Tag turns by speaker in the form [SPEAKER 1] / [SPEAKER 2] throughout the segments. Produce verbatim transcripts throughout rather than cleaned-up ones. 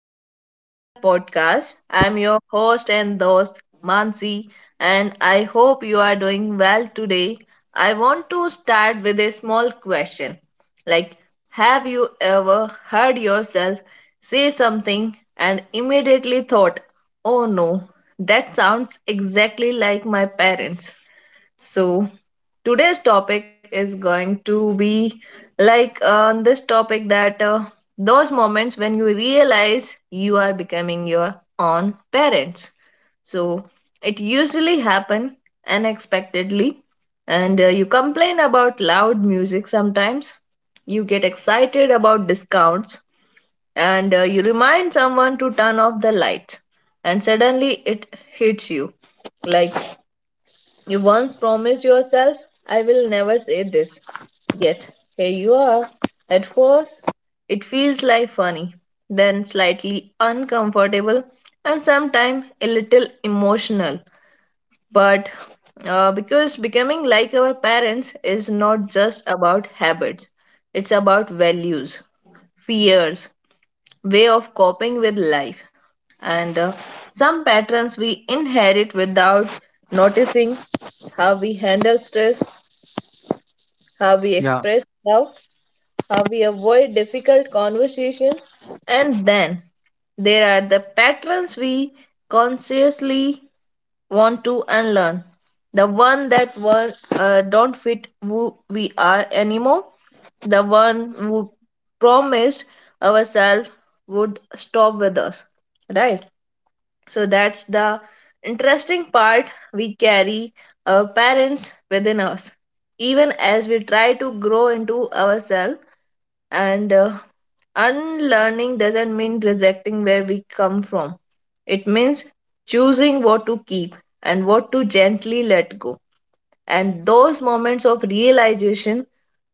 [SPEAKER 1] back to a- another podcast. I'm your host and host Mansi, and I hope you are doing well today. I want to start with a small question. Like, have you ever heard yourself say something and immediately thought, "Oh no, that sounds exactly like my parents." So, today's topic is going to be like on this topic that uh, those moments when you realize you are becoming your own parents. So, it usually happen unexpectedly and uh, you complain about loud music sometimes. You get excited about discounts and uh, you remind someone to turn off the lights and suddenly it hits you like you once promised yourself, I will never say this. Yet, here you are. At first, it feels like funny, then slightly uncomfortable, and sometimes a little emotional. But uh, because becoming like our parents is not just about habits, it's about values, fears, way of coping with life. And uh, some patterns we inherit without noticing how we handle stress, how we express doubt, how we avoid difficult conversations, and then there are the patterns we consciously want to and learn. The one that were, uh, don't fit who we are anymore. The one who promised ourselves would stop with us. Right? So that's the interesting part we carry our parents within us. Even as we try to grow into ourselves, and uh, unlearning doesn't mean rejecting where we come from, it means choosing what to keep and what to gently let go. And those moments of realization,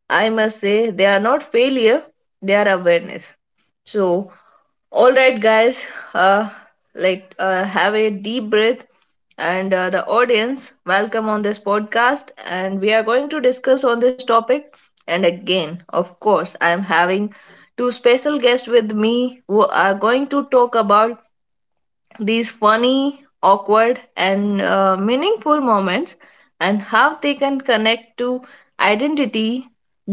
[SPEAKER 1] I must say, they are not failure, they are awareness. So, all right, guys, uh, like uh, have a deep breath and uh, the audience welcome on this podcast and we are going to discuss on this topic and again of course I am having two special guests with me who are going to talk about these funny, awkward, and uh, meaningful moments and how they can connect to identity,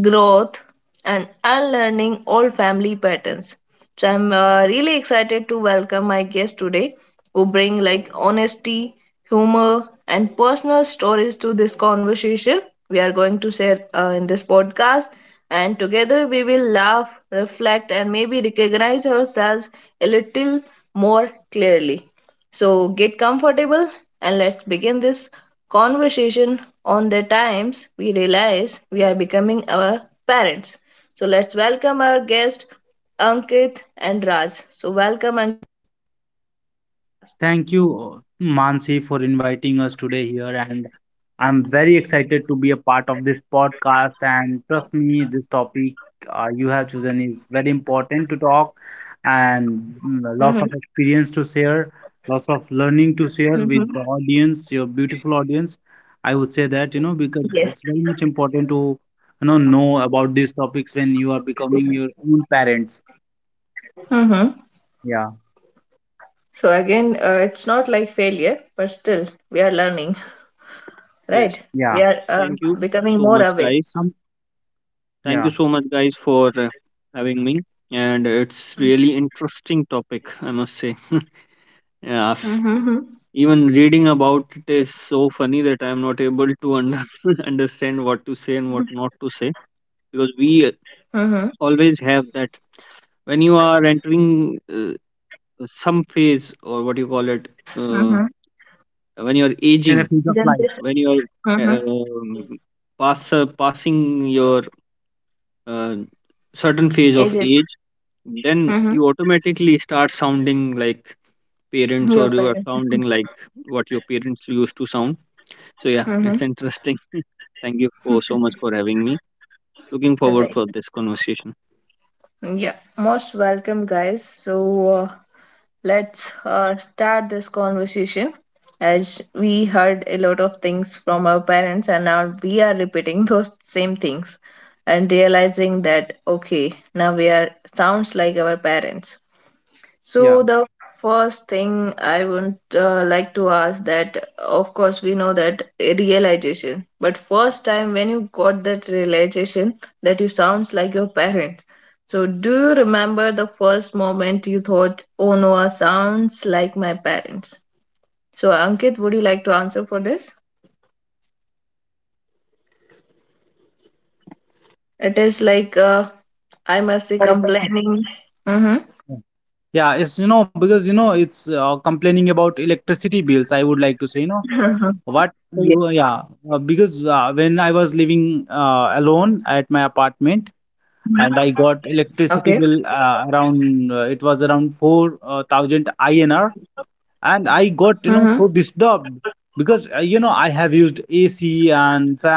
[SPEAKER 1] growth, and unlearning old family patterns. So I'm uh, really excited to welcome my guest today who bring like honesty, humor, and personal stories to this conversation we are going to share uh, in this podcast and together we will laugh, reflect, and maybe recognize ourselves a little more clearly. So get comfortable and let's begin this conversation on the times we realize we are becoming our parents. So let's welcome our guest Ankit and Raj. So welcome. An- Mhm, mhm. Yes. Hmm. So again, uh, it's not like failure, but still we are learning, right?
[SPEAKER 2] Yes,
[SPEAKER 1] We are uh,
[SPEAKER 2] thank you
[SPEAKER 1] becoming
[SPEAKER 2] so
[SPEAKER 1] more
[SPEAKER 2] much,
[SPEAKER 1] aware.
[SPEAKER 2] guys. Thank you so much, guys, for uh, having me. And it's really interesting topic, I must say. Yeah,
[SPEAKER 1] Mhm,
[SPEAKER 2] f- even reading about it is so funny that I'm not able to under- understand what to say and what not to say, because
[SPEAKER 1] mhm,
[SPEAKER 2] we uh, always have that when you are entering uh, some phase, or what you call it,
[SPEAKER 1] mhm.
[SPEAKER 2] uh, when you're aging,
[SPEAKER 1] Generation.
[SPEAKER 2] when you're
[SPEAKER 1] Mhm.
[SPEAKER 2] uh, um, pass, uh, passing your uh, certain
[SPEAKER 1] Ages.
[SPEAKER 2] phase of age, then
[SPEAKER 1] Mhm.
[SPEAKER 2] you automatically start sounding like
[SPEAKER 1] Your
[SPEAKER 2] parents, or you
[SPEAKER 1] parents.
[SPEAKER 2] are sounding like what your parents used to sound. So yeah,
[SPEAKER 1] Mhm.
[SPEAKER 2] it's interesting. Thank you for so much for having me. Looking
[SPEAKER 1] Right.
[SPEAKER 2] forward for this conversation.
[SPEAKER 1] Yeah. Most welcome, guys. So uh, let's uh, start this conversation. As we heard a lot of things from our parents, and now we are repeating those same things and realizing that okay, now we are sounds like our parents. So the first thing I would uh, like to ask that, of course, we know that a realization, but first time when you got that realization that you sounds like your parents. So do you remember the first moment you thought, "Oh no, I sounds like my parents"? So Ankit, would you like to answer for this? It is like uh, I must be complaining. Mm-hmm. Yeah. Okay. Mm-hmm.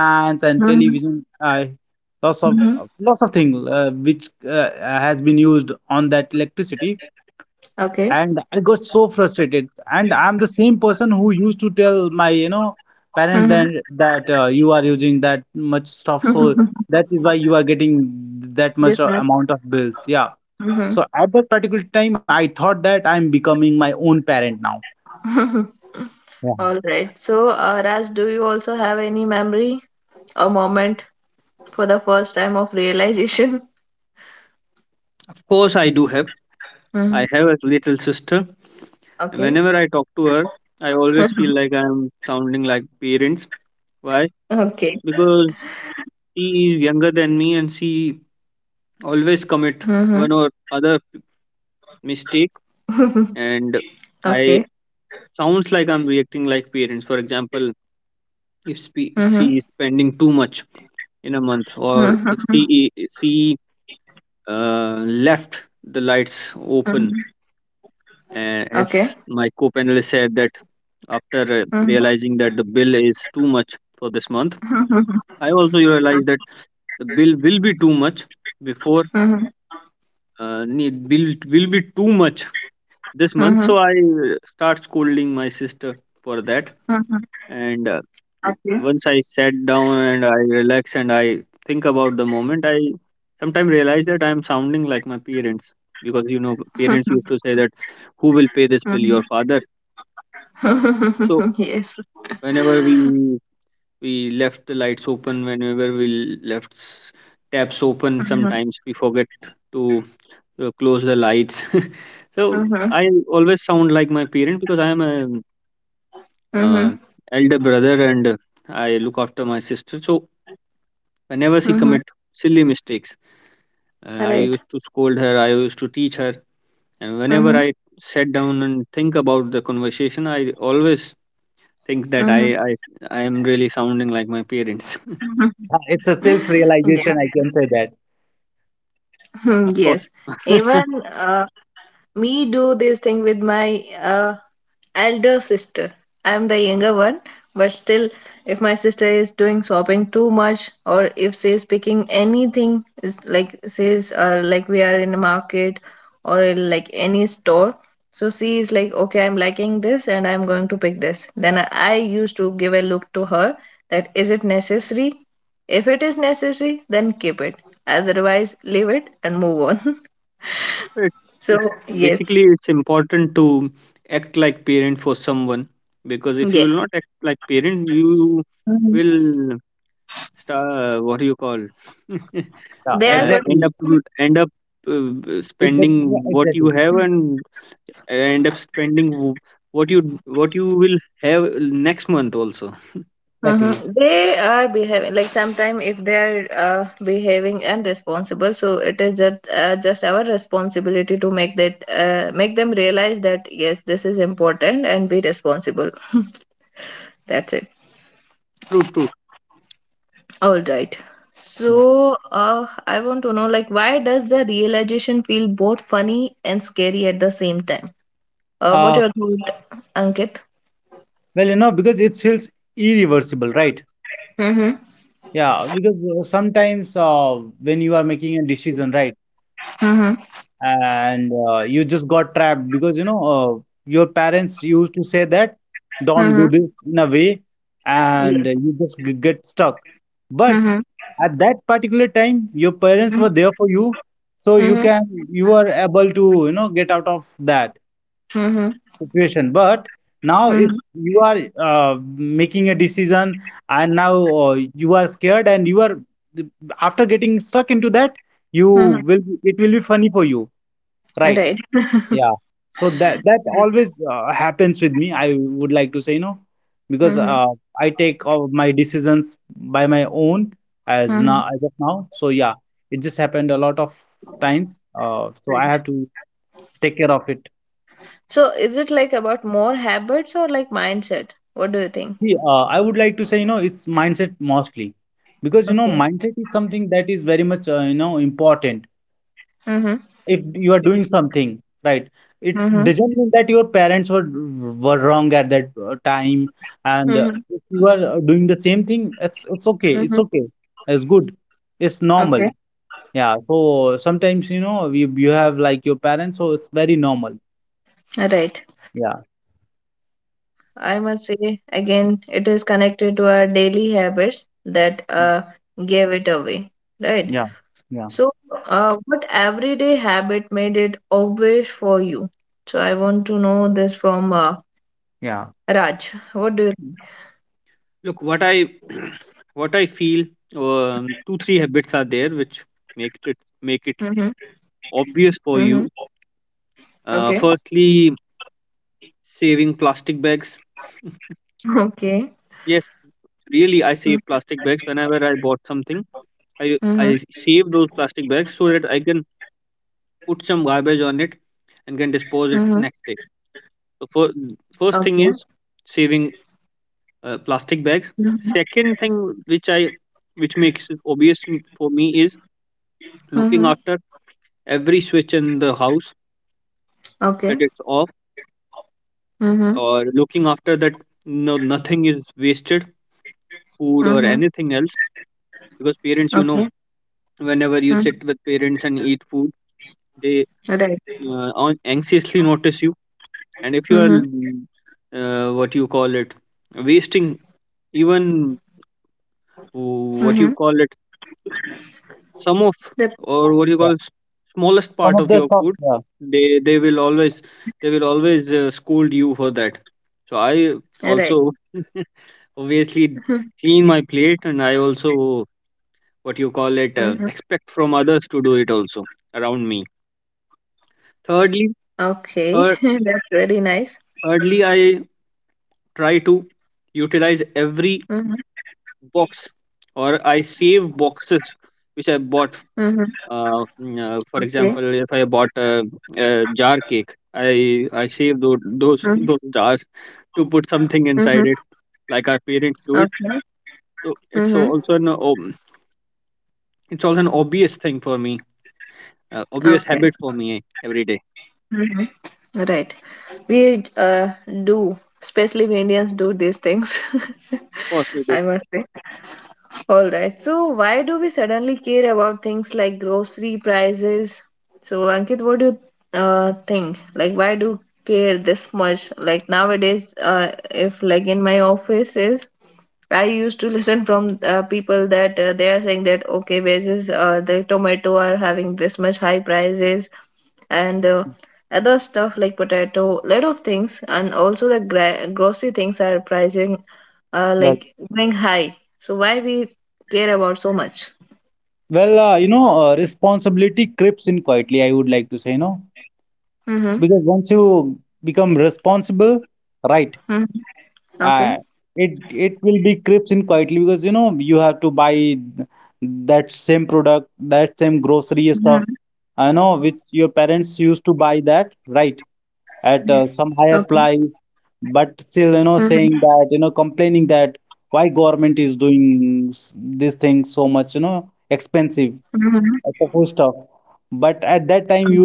[SPEAKER 1] Mm-hmm. Mm-hmm. Okay. Mm-hmm. This much. Mm-hmm. All right. So, uh, Raj, do you also have any memory or moment for the first time of realization?
[SPEAKER 2] Of course, i do have
[SPEAKER 1] Mm.
[SPEAKER 2] I have a little sister, and
[SPEAKER 1] Okay.
[SPEAKER 2] whenever I talk to her, I always feel like I am sounding like parents. Why?
[SPEAKER 1] Okay.
[SPEAKER 2] Because she is younger than me, and she always
[SPEAKER 1] Mm-hmm.
[SPEAKER 2] commit one or other mistake, and
[SPEAKER 1] Okay.
[SPEAKER 2] I sounds like I'm reacting like parents. For example, if
[SPEAKER 1] Mm-hmm.
[SPEAKER 2] spe- she is spending too much in a month,
[SPEAKER 1] Mm-hmm.
[SPEAKER 2] or if she she uh, left the lights
[SPEAKER 1] Mm-hmm.
[SPEAKER 2] open, uh,
[SPEAKER 1] Okay.
[SPEAKER 2] as my co-panelist said, that after uh,
[SPEAKER 1] Mm-hmm.
[SPEAKER 2] realizing that the bill is too much for this month,
[SPEAKER 1] Mm-hmm.
[SPEAKER 2] I also realized that the bill will be too much before
[SPEAKER 1] Mm-hmm.
[SPEAKER 2] uh, need bill will be too much this month.
[SPEAKER 1] Mm-hmm.
[SPEAKER 2] So I uh, start scolding my sister for that,
[SPEAKER 1] Mm-hmm.
[SPEAKER 2] and uh, w-
[SPEAKER 1] Okay.
[SPEAKER 2] once I sat down and I relax and I think about the moment, I sometimes realize that I'm sounding like my parents, because you know parents used to say that, who will pay this bill,
[SPEAKER 1] Mm-hmm.
[SPEAKER 2] your father? So
[SPEAKER 1] Yes.
[SPEAKER 2] whenever we we left the lights open, whenever we left s- taps open,
[SPEAKER 1] Mm-hmm.
[SPEAKER 2] sometimes we forget to uh, close the lights. So
[SPEAKER 1] Mm-hmm.
[SPEAKER 2] I always sound like my parent, because I am a uh,
[SPEAKER 1] Mm-hmm.
[SPEAKER 2] elder brother, and uh, I look after my sister. So whenever she
[SPEAKER 1] Mm-hmm.
[SPEAKER 2] commit silly mistakes, uh, I
[SPEAKER 1] Right.
[SPEAKER 2] used to scold her, I used to teach her. And whenever
[SPEAKER 1] Mm-hmm.
[SPEAKER 2] I sat down and think about the conversation, I always think that i
[SPEAKER 1] Mm-hmm.
[SPEAKER 2] i, I am really sounding like my parents.
[SPEAKER 1] Yeah. Hmm.
[SPEAKER 2] Of course,
[SPEAKER 1] Yes, even uh, me do this thing with my uh, elder sister. I'm the younger one, but still, if my sister is doing sobbing too much, or if she's picking anything, is like says uh, like we are in a market or in like any store, so she is like, okay, I'm liking this and I'm going to pick this. Then I I used to give a look to her that is it necessary? If it is necessary, then keep it. Otherwise, leave it and move on.
[SPEAKER 2] it's
[SPEAKER 1] So
[SPEAKER 2] it's
[SPEAKER 1] yes,
[SPEAKER 2] basically it's important to act like parent for someone, because if you
[SPEAKER 1] yes,
[SPEAKER 2] will not act like parent, you
[SPEAKER 1] mhm,
[SPEAKER 2] will star what do you call uh,
[SPEAKER 1] they are going
[SPEAKER 2] end up
[SPEAKER 1] to,
[SPEAKER 2] end up uh, spending what you have, and end up spending w- what you what you will have next month also.
[SPEAKER 1] uh-huh, they are behaving like sometimes if they are uh, behaving irresponsible, so it is just uh, just our responsibility to make that uh, make them realize that yes, this is important and be responsible. That's it.
[SPEAKER 2] True, true.
[SPEAKER 1] All right. So uh, I want to know like why does the realization feel both funny and scary at the same time? Uh, what your thought, Ankit? Mm-hmm. Mm-hmm. Mm-hmm. Yes. Mm-hmm. Mm-hmm. Mm-hmm. Mm-hmm. Right. Uh-huh. Uh-huh. Right. So is it like about more habits or like mindset? What do you think? Okay. Mm-hmm. Mm-hmm. Mm-hmm. Mm-hmm. Okay. All right. I must say again, it is connected to our daily habits that uh gave it away. Right. So uh what everyday habit made it obvious for you? So I want to know this from uh Raj. What do you think?
[SPEAKER 2] Look, what I what I feel, um, two three habits are there which make it make it
[SPEAKER 1] Mm-hmm.
[SPEAKER 2] obvious for you.
[SPEAKER 1] Mm-hmm.
[SPEAKER 2] Uh,
[SPEAKER 1] Okay.
[SPEAKER 2] firstly, saving plastic bags. Yes,
[SPEAKER 1] Okay.
[SPEAKER 2] really, I save plastic bags.
[SPEAKER 1] Mm-hmm.
[SPEAKER 2] Whenever I bought something, i i save those plastic bags so that I can put some garbage on it and can dispose it next day.
[SPEAKER 1] Mm-hmm.
[SPEAKER 2] So for, first thing is
[SPEAKER 1] Okay.
[SPEAKER 2] saving uh, plastic bags. Second
[SPEAKER 1] Mhm.
[SPEAKER 2] thing, which I which makes it obvious m- for me, is looking after
[SPEAKER 1] Mhm.
[SPEAKER 2] every switch in the house, that it's off,
[SPEAKER 1] Okay.
[SPEAKER 2] or looking
[SPEAKER 1] Mhm.
[SPEAKER 2] after that no nothing is wasted, food or anything else,
[SPEAKER 1] Mhm.
[SPEAKER 2] because parents, you know
[SPEAKER 1] Okay.
[SPEAKER 2] whenever you sit with
[SPEAKER 1] Mm.
[SPEAKER 2] parents and eat food, they uh,
[SPEAKER 1] Right.
[SPEAKER 2] an- anxiously notice you. And if you are mm,
[SPEAKER 1] Mhm.
[SPEAKER 2] uh, what you call it wasting even w- what you call
[SPEAKER 1] Mhm.
[SPEAKER 2] it some of or what do you call s- smallest part of your food, they they will always they will always uh, scold you for that. So I
[SPEAKER 1] That
[SPEAKER 2] also
[SPEAKER 1] right.
[SPEAKER 2] obviously
[SPEAKER 1] Mhm.
[SPEAKER 2] clean my plate, and I also what you call it uh,
[SPEAKER 1] Mhm.
[SPEAKER 2] expect from others to do it also around me. thirdly
[SPEAKER 1] Okay. That's
[SPEAKER 2] third,
[SPEAKER 1] very nice.
[SPEAKER 2] thirdly I try to utilize every
[SPEAKER 1] Mhm.
[SPEAKER 2] box, or I save boxes which I bought.
[SPEAKER 1] Mhm.
[SPEAKER 2] Uh, mm, uh, for
[SPEAKER 1] Okay.
[SPEAKER 2] example, if I bought a, a jar cake, I I save those those
[SPEAKER 1] Mhm.
[SPEAKER 2] those jars to put something
[SPEAKER 1] Mhm.
[SPEAKER 2] inside it, like our parents do it.
[SPEAKER 1] Okay.
[SPEAKER 2] So it's
[SPEAKER 1] Mhm.
[SPEAKER 2] also an ob- it's also an obvious thing for me, uh, obvious
[SPEAKER 1] Okay.
[SPEAKER 2] habit for me every day.
[SPEAKER 1] Mhm. Right. We uh do, especially we Indians do these things.
[SPEAKER 2] Of course, we do.
[SPEAKER 1] I must say. All right. So why do we suddenly care about things like grocery prices? So Ankit, what do you uh, think? Like why do care this much? Like nowadays, uh, if like in my office is I used to listen from uh, people that uh, they are saying that okay, versus uh, the tomato are having this much high prices and uh, other stuff like potato, lot of things, and also the gra- grocery things are pricing uh, like going high. So why we care about so much? Mm-hmm. Mm-hmm. Okay. Mm-hmm. Okay. Mm-hmm. Mm-hmm. Okay.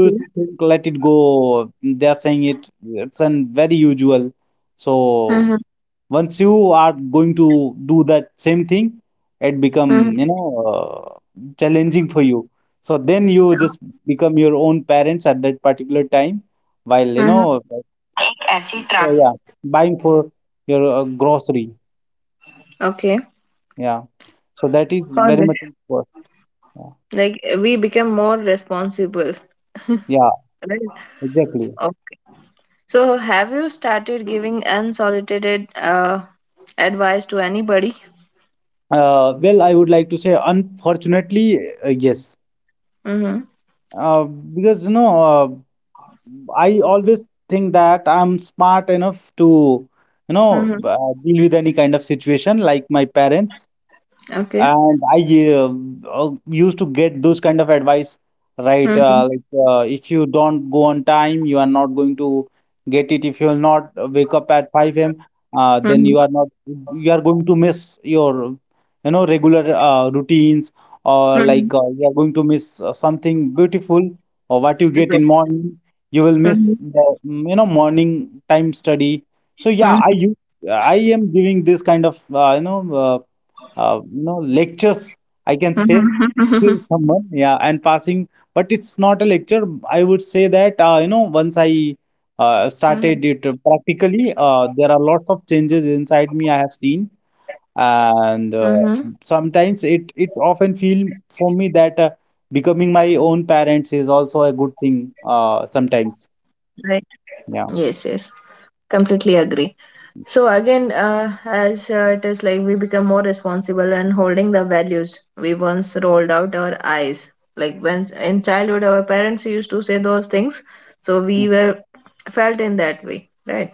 [SPEAKER 1] Mm-hmm. Mm-hmm. Mm-hmm. एक ऐसी ट्रा. Okay. All right. Like we become more responsible. Right. Oh. So, have you started giving unsolicited uh, advice to anybody? Mm-hmm. Mm-hmm. Okay. Mm-hmm. Mm-hmm. Mm-hmm. Okay. Mm-hmm. Mm-hmm. Mm-hmm. Mm-hmm. Right. Yes, yes. Completely agree. So again, uh, as uh, it is like we become more responsible and holding the values we once rolled out our eyes. Like when in childhood, our parents used to say those things, so we were felt in that way, right?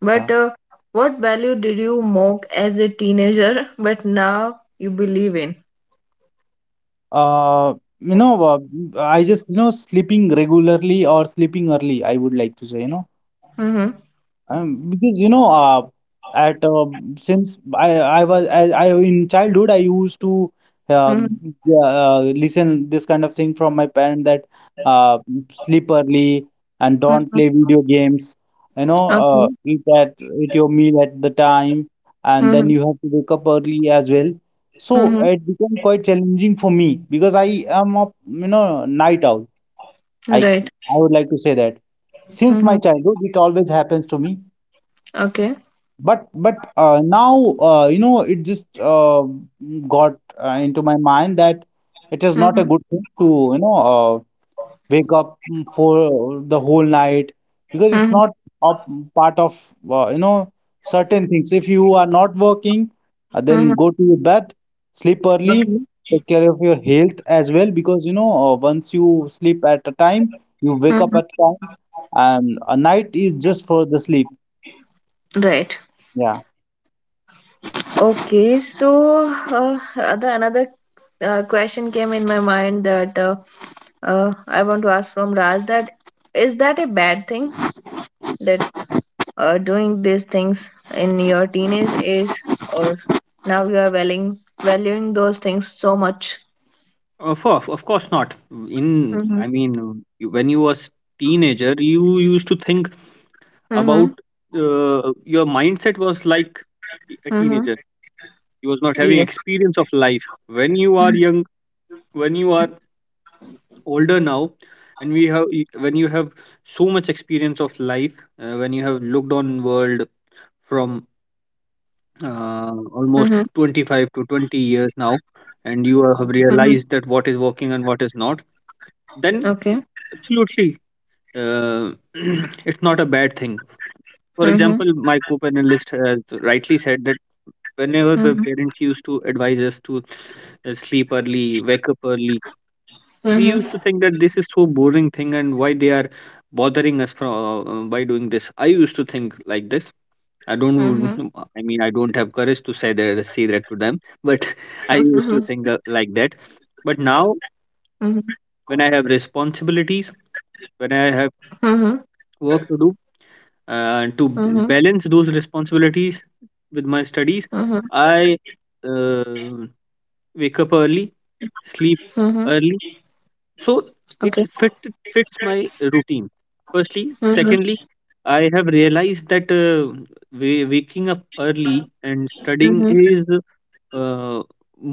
[SPEAKER 1] But uh, what value did you mock as a teenager, but now you believe in? Hmm. Hmm. Hmm. Okay. Hmm. Hmm. Right. Hmm. Okay. Hmm. Hmm. Hmm. Okay. Hmm. Right. Okay, so uh, other another uh, question came in my mind that uh, uh, I want to ask from Raj that is that a bad thing that uh, doing these things in your teenage age or now you are valuing valuing those things so much?
[SPEAKER 2] Of course, of course not. In
[SPEAKER 1] Mm-hmm.
[SPEAKER 2] I mean, you- when you was teenager, you used to think about
[SPEAKER 1] Mm-hmm.
[SPEAKER 2] uh, your mindset was like a
[SPEAKER 1] Mm-hmm.
[SPEAKER 2] teenager. You was not having
[SPEAKER 1] Yes.
[SPEAKER 2] experience of life. When you are young, when you are older now, and we have e, when you have so much experience of life, uh, when you have looked on world from
[SPEAKER 1] Mm-hmm.
[SPEAKER 2] uh, almost twenty-five to twenty years now, and you have
[SPEAKER 1] Mm-hmm.
[SPEAKER 2] realized that what is working and what is not, then
[SPEAKER 1] Okay.
[SPEAKER 2] absolutely, uh, it's not a bad thing. For
[SPEAKER 1] Mm-hmm.
[SPEAKER 2] example, my co-panelist has rightly said that whenever the
[SPEAKER 1] Mm-hmm.
[SPEAKER 2] parents used to advise us to uh, sleep early, wake up early, we used to
[SPEAKER 1] Mm-hmm.
[SPEAKER 2] think that this is so boring thing, and why they are bothering us from uh, uh, by doing this. I used to think like this. I don't
[SPEAKER 1] Mm-hmm.
[SPEAKER 2] know- I mean, I don't have courage to say that say that to them, but
[SPEAKER 1] Mm-hmm.
[SPEAKER 2] I used to think uh, like that. But now,
[SPEAKER 1] Mm-hmm.
[SPEAKER 2] when I have responsibilities, when I
[SPEAKER 1] Mm-hmm.
[SPEAKER 2] have work to do, uh,
[SPEAKER 1] Mm-hmm.
[SPEAKER 2] to balance those responsibilities with my
[SPEAKER 1] Mm-hmm.
[SPEAKER 2] studies, I uh, wake up early, sleep
[SPEAKER 1] Mm-hmm.
[SPEAKER 2] early, so
[SPEAKER 1] Okay.
[SPEAKER 2] it fit fits my routine firstly.
[SPEAKER 1] Mhm.
[SPEAKER 2] Secondly, I have realized that uh, wa- waking up early and studying
[SPEAKER 1] Mhm.
[SPEAKER 2] is uh,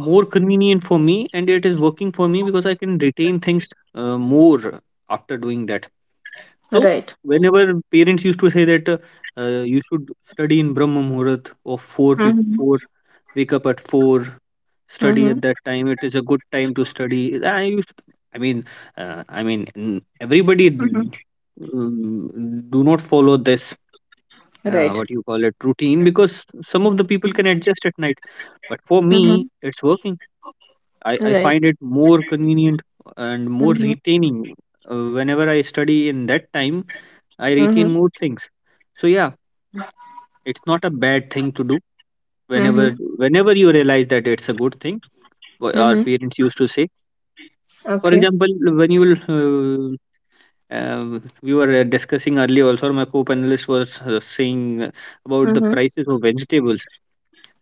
[SPEAKER 2] more convenient for me, and it is working for me, because I can retain things uh, more after doing that. So
[SPEAKER 1] Right.
[SPEAKER 2] whenever parents used to say that uh, uh, you should study in brahma muhurat, or four pe-
[SPEAKER 1] Mhm.
[SPEAKER 2] four, wake up at four, study at
[SPEAKER 1] Mhm.
[SPEAKER 2] that time, it is a good time to study. i used to, I mean, uh, i mean n- everybody
[SPEAKER 1] Mhm.
[SPEAKER 2] d- um, do not follow this uh,
[SPEAKER 1] Right.
[SPEAKER 2] what you call it routine, because some of the people can adjust at night, but for me
[SPEAKER 1] Mhm.
[SPEAKER 2] it's working. i, I
[SPEAKER 1] Right.
[SPEAKER 2] find it more convenient and more
[SPEAKER 1] Mhm.
[SPEAKER 2] retaining, uh, whenever I study in that time I
[SPEAKER 1] Mhm.
[SPEAKER 2] retain more things. So yeah, it's not a bad thing to do, whenever
[SPEAKER 1] Mhm.
[SPEAKER 2] whenever you realize that it's a good thing wh- our
[SPEAKER 1] Mhm.
[SPEAKER 2] parents used to say. For
[SPEAKER 1] Okay.
[SPEAKER 2] example, when you will, uh, uh, we were uh, discussing earlier also, or my co-panelist was uh, saying uh, about the
[SPEAKER 1] Mhm.
[SPEAKER 2] prices of vegetables.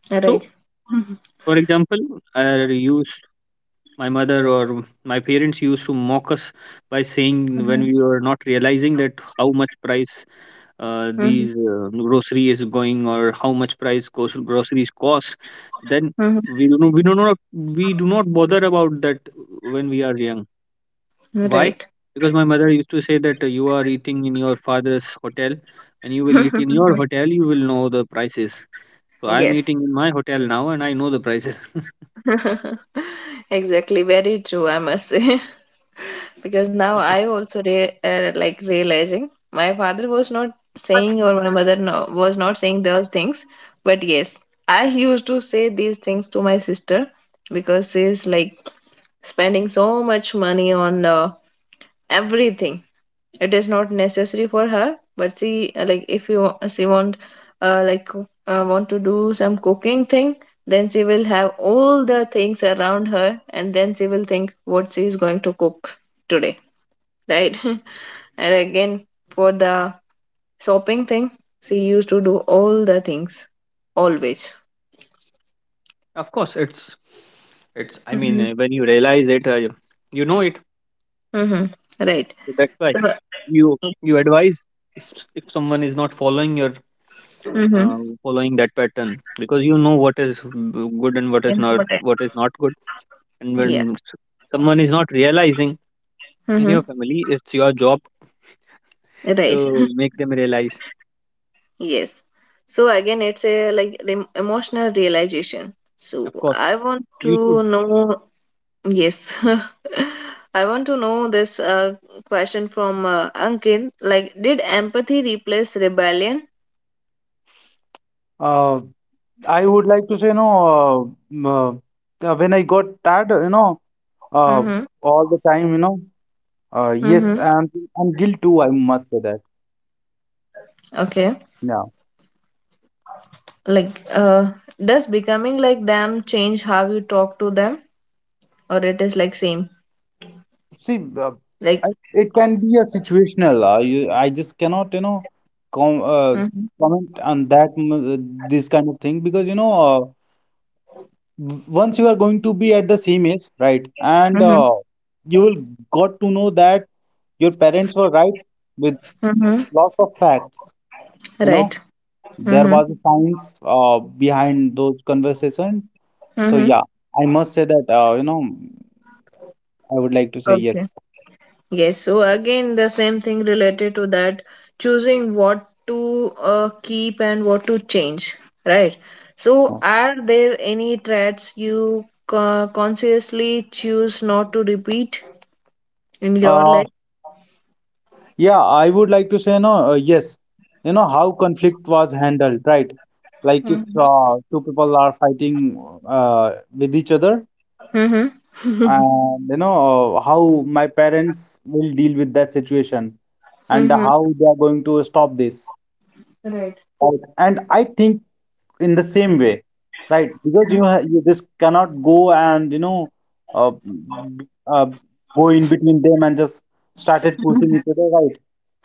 [SPEAKER 1] Right.
[SPEAKER 2] So,
[SPEAKER 1] Mhm.
[SPEAKER 2] for example, I used my mother, or my parents, used to mock us by saying,
[SPEAKER 1] Mhm.
[SPEAKER 2] when we were not realizing that how much price uh,
[SPEAKER 1] Mhm.
[SPEAKER 2] these uh, grocery is going, or how much price gro- groceries cost, then
[SPEAKER 1] Mhm.
[SPEAKER 2] we do not, we do not we do not bother about that when we are young. Why?
[SPEAKER 1] Right.
[SPEAKER 2] Because my mother used to say that, uh, you are eating in your father's hotel. When you will eat in your hotel, you will know the prices. So I'm
[SPEAKER 1] Yes.
[SPEAKER 2] eating in my hotel now, and I know the prices.
[SPEAKER 1] Exactly. Very true, I must say. Because now I also re uh, like realizing my father was not saying or my mother no was not saying those things, but yes, I used to say these things to my sister because she's like spending so much money on uh, everything. It is not necessary for her, but she uh, like if you uh, she want uh, like coo- uh, want to do some cooking thing, then she will have all the things around her, and then she will think what she is going to cook today, right? And again for the shopping thing, she used to do all the things always.
[SPEAKER 2] Of course, it's it's. I mean,
[SPEAKER 1] Hmm.
[SPEAKER 2] uh, when you realize it, uh, you know it.
[SPEAKER 1] Mm-hmm. Right.
[SPEAKER 2] So that's why
[SPEAKER 1] So,
[SPEAKER 2] you you advise, if if someone is not following your uh,
[SPEAKER 1] hmm,
[SPEAKER 2] following that pattern, because you know what is mm, good and what is not
[SPEAKER 1] important.
[SPEAKER 2] what is not good. And when
[SPEAKER 1] Yeah.
[SPEAKER 2] s- someone is not realizing in your
[SPEAKER 1] Mm-hmm.
[SPEAKER 2] family, it's your job
[SPEAKER 1] Right.
[SPEAKER 2] to make them realize.
[SPEAKER 1] Yes. So again, it's a like rem emotional realization.
[SPEAKER 2] Of
[SPEAKER 1] So
[SPEAKER 2] course,
[SPEAKER 1] I want
[SPEAKER 2] you
[SPEAKER 1] to
[SPEAKER 2] should.
[SPEAKER 1] know, yes, I want to know this uh, question from uh, Ankit. Like, did empathy replace rebellion? Mm-hmm. Mm-hmm. Okay. Like, uh, does becoming like them change how you talk to them, or it is like same? Like, mm-hmm. Mm-hmm. Mm-hmm. Right. Mm-hmm. Mm-hmm. Yes, so again, the same thing related to that, choosing what to uh, keep and what to change, right? So, are there any traits you co- consciously choose not to repeat in your life? Mm-hmm. Mm-hmm. Right.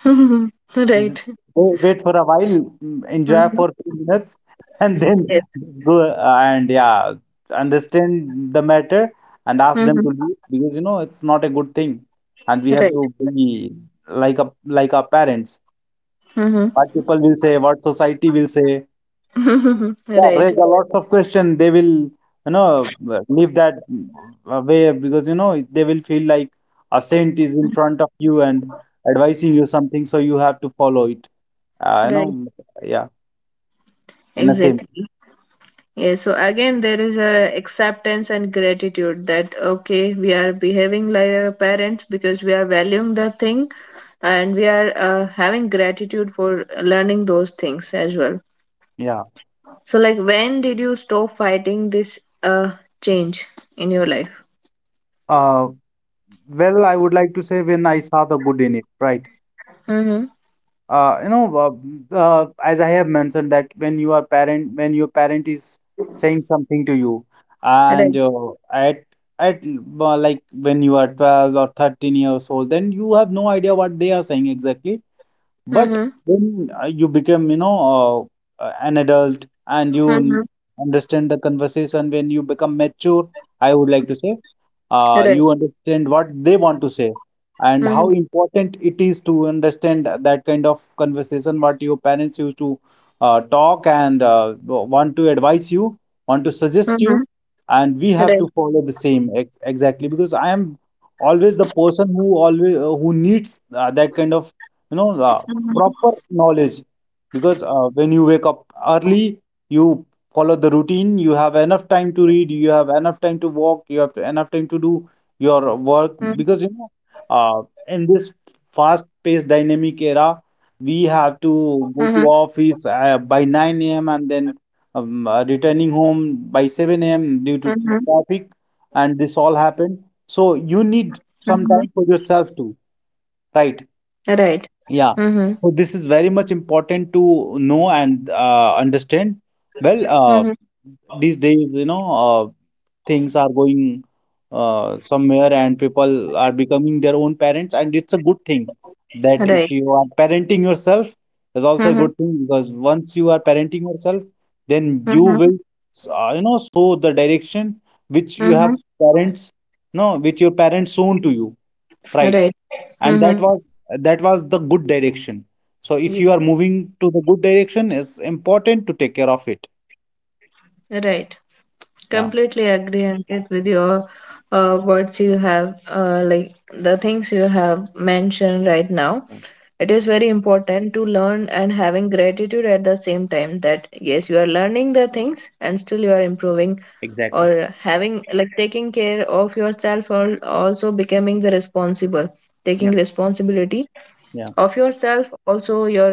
[SPEAKER 1] Mhm. Right. Mm-hmm. Yes. Mm-hmm. Right. Mm-hmm. Right. Right. Exactly. Yeah, so again, there is a acceptance and gratitude that okay, we are behaving like our parents because we are valuing the thing and we are uh, having gratitude for learning those things as well. So, like, when did you stop fighting this uh change in your life? Mm-hmm. Right. Mm-hmm. Mm-hmm. Right. Mm-hmm. Mm-hmm. Right. Mm-hmm. Mm-hmm. Mm-hmm. Mm-hmm. Right. Mm-hmm. Mm-hmm. Right. Mm-hmm. Mm-hmm. Mm-hmm. Right. Yeah, right. Completely agree on it with your uh, words you have, uh, like the things you have mentioned right now. It is very important to learn and having gratitude at the same time that yes, you are learning the things and still you are improving or having like taking care of yourself or also becoming the responsible, taking responsibility of yourself, also your uh, like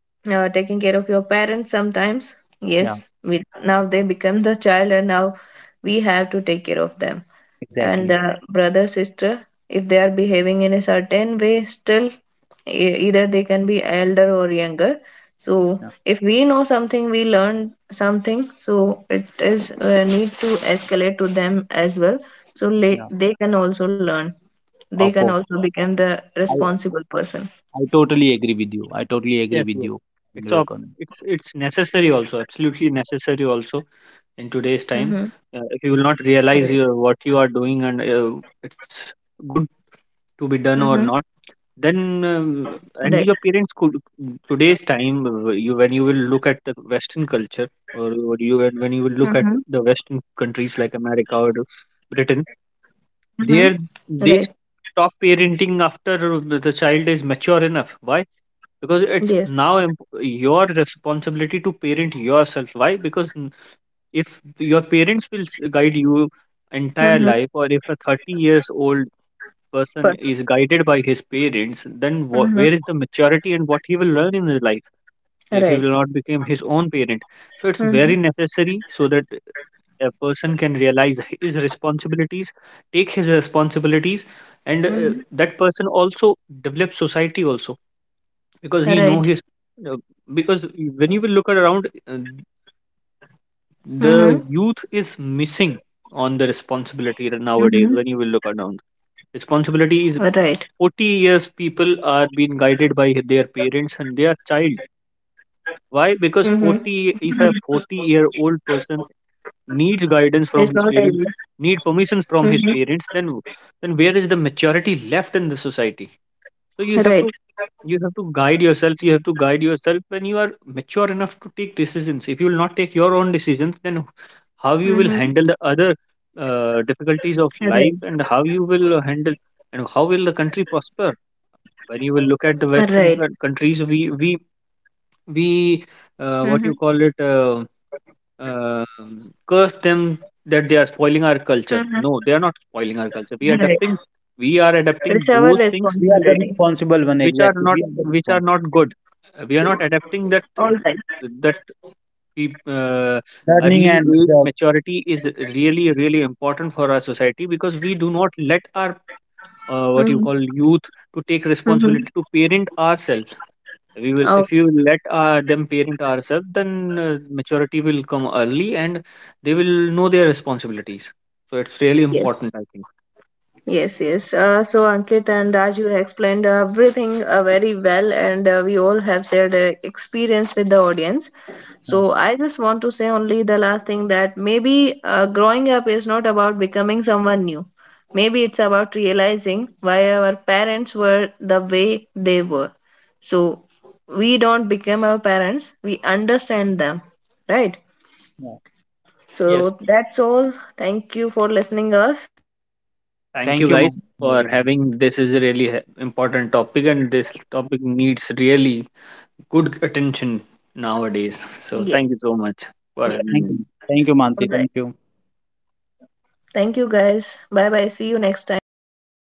[SPEAKER 1] uh, taking care of your parents sometimes yes we, now they become the child and now we have to take care of them and uh, brother sister if they are behaving in a certain way still e- either they can be elder or younger so if we know something we learn something so it is uh, need to escalate to them as well so le- they can also learn they can also become the responsible person.
[SPEAKER 2] Yes, yes. It's ob- it's it's necessary also. Absolutely necessary also in today's
[SPEAKER 1] Mm-hmm.
[SPEAKER 2] time. Uh, if you will not
[SPEAKER 1] Right.
[SPEAKER 2] realize your, what you are doing and uh, it's good to be done or
[SPEAKER 1] Mm-hmm.
[SPEAKER 2] not, then um, and
[SPEAKER 1] Right.
[SPEAKER 2] your parents could today's time, uh, you when you will look at the Western culture, or, or you when you will look at
[SPEAKER 1] Mhm.
[SPEAKER 2] the Western countries like America or Britain, they
[SPEAKER 1] Mhm.
[SPEAKER 2] they
[SPEAKER 1] Right.
[SPEAKER 2] stop parenting after the child is mature enough. Why? Because it's now imp-
[SPEAKER 1] Yes.
[SPEAKER 2] your responsibility to parent yourself. Why? Because n- if your parents will s- guide you entire life, or if a
[SPEAKER 1] Mhm.
[SPEAKER 2] thirty years old person is guided by
[SPEAKER 1] But.
[SPEAKER 2] his parents, then wha where is the maturity,
[SPEAKER 1] Mhm.
[SPEAKER 2] and what he will learn in his life, if he will not become his
[SPEAKER 1] Right.
[SPEAKER 2] own parent? So it's very necessary so
[SPEAKER 1] Mhm.
[SPEAKER 2] that a person can realize his responsibilities, take his responsibilities, and uh, that person
[SPEAKER 1] Mhm.
[SPEAKER 2] also develops society also, because he know his
[SPEAKER 1] Right.
[SPEAKER 2] uh, because when you will look around, uh, the
[SPEAKER 1] Mhm.
[SPEAKER 2] youth is missing on the responsibility nowadays.
[SPEAKER 1] Mhm.
[SPEAKER 2] When you will look around, responsibility is
[SPEAKER 1] Right.
[SPEAKER 2] forty years, people are being guided by their parents and their child. Why? Because
[SPEAKER 1] Mhm.
[SPEAKER 2] forty, if a
[SPEAKER 1] Mhm.
[SPEAKER 2] forty year old person needs guidance from his
[SPEAKER 1] It's
[SPEAKER 2] parents,
[SPEAKER 1] not enough.
[SPEAKER 2] need permissions from his parents,
[SPEAKER 1] Mhm.
[SPEAKER 2] then then where is the maturity left in the society? So you have to you
[SPEAKER 1] Right.
[SPEAKER 2] have to guide yourself. You have to guide yourself when you are mature enough to take decisions, if you will not take your own decisions, then how you will handle the
[SPEAKER 1] Mhm.
[SPEAKER 2] other uh, difficulties of life,
[SPEAKER 1] Right.
[SPEAKER 2] and how you will handle and how will the country prosper? When you will look at the western
[SPEAKER 1] Right.
[SPEAKER 2] coun- countries, we we we uh, what you
[SPEAKER 1] Mhm.
[SPEAKER 2] call it um um, curse them that they are spoiling our culture.
[SPEAKER 1] Mhm.
[SPEAKER 2] No, they are not spoiling our culture. We are
[SPEAKER 1] Right.
[SPEAKER 2] adapting. We are
[SPEAKER 1] It's
[SPEAKER 2] adapting
[SPEAKER 1] our
[SPEAKER 2] those things
[SPEAKER 1] responsibility.
[SPEAKER 2] which are not which are not good. Uh, We are not adapting that um,
[SPEAKER 1] All right.
[SPEAKER 2] that peop- uh, early age maturity is really really important for our society, because we do not let our uh, what you call
[SPEAKER 1] Mhm.
[SPEAKER 2] youth to take responsibility, to
[SPEAKER 1] Mhm.
[SPEAKER 2] parent ourselves. We will If you
[SPEAKER 1] Oh.
[SPEAKER 2] let uh, them parent ourselves, then uh, maturity will come early, and they will know their responsibilities. So it's really
[SPEAKER 1] Yes.
[SPEAKER 2] important, I think.
[SPEAKER 1] Yes, yes. Uh, so Ankit and Raj, you explained everything uh, very well, and uh, we all have shared uh, experience with the audience. So I just want to say only the last thing that maybe uh, growing up is not about becoming someone new. Maybe it's about realizing why our parents were the way they were. So we don't become our parents, we understand them, right?
[SPEAKER 2] Yes,
[SPEAKER 1] So that's all. Thank you for listening us.
[SPEAKER 2] thank you guys for having, this is a really he- important topic, and this topic needs really good attention nowadays. So
[SPEAKER 1] Yes.
[SPEAKER 2] thank you so much
[SPEAKER 1] Yes.
[SPEAKER 2] for having me.
[SPEAKER 1] All right. Thank you, guys. Bye bye. See you next time.
[SPEAKER 2] Bye.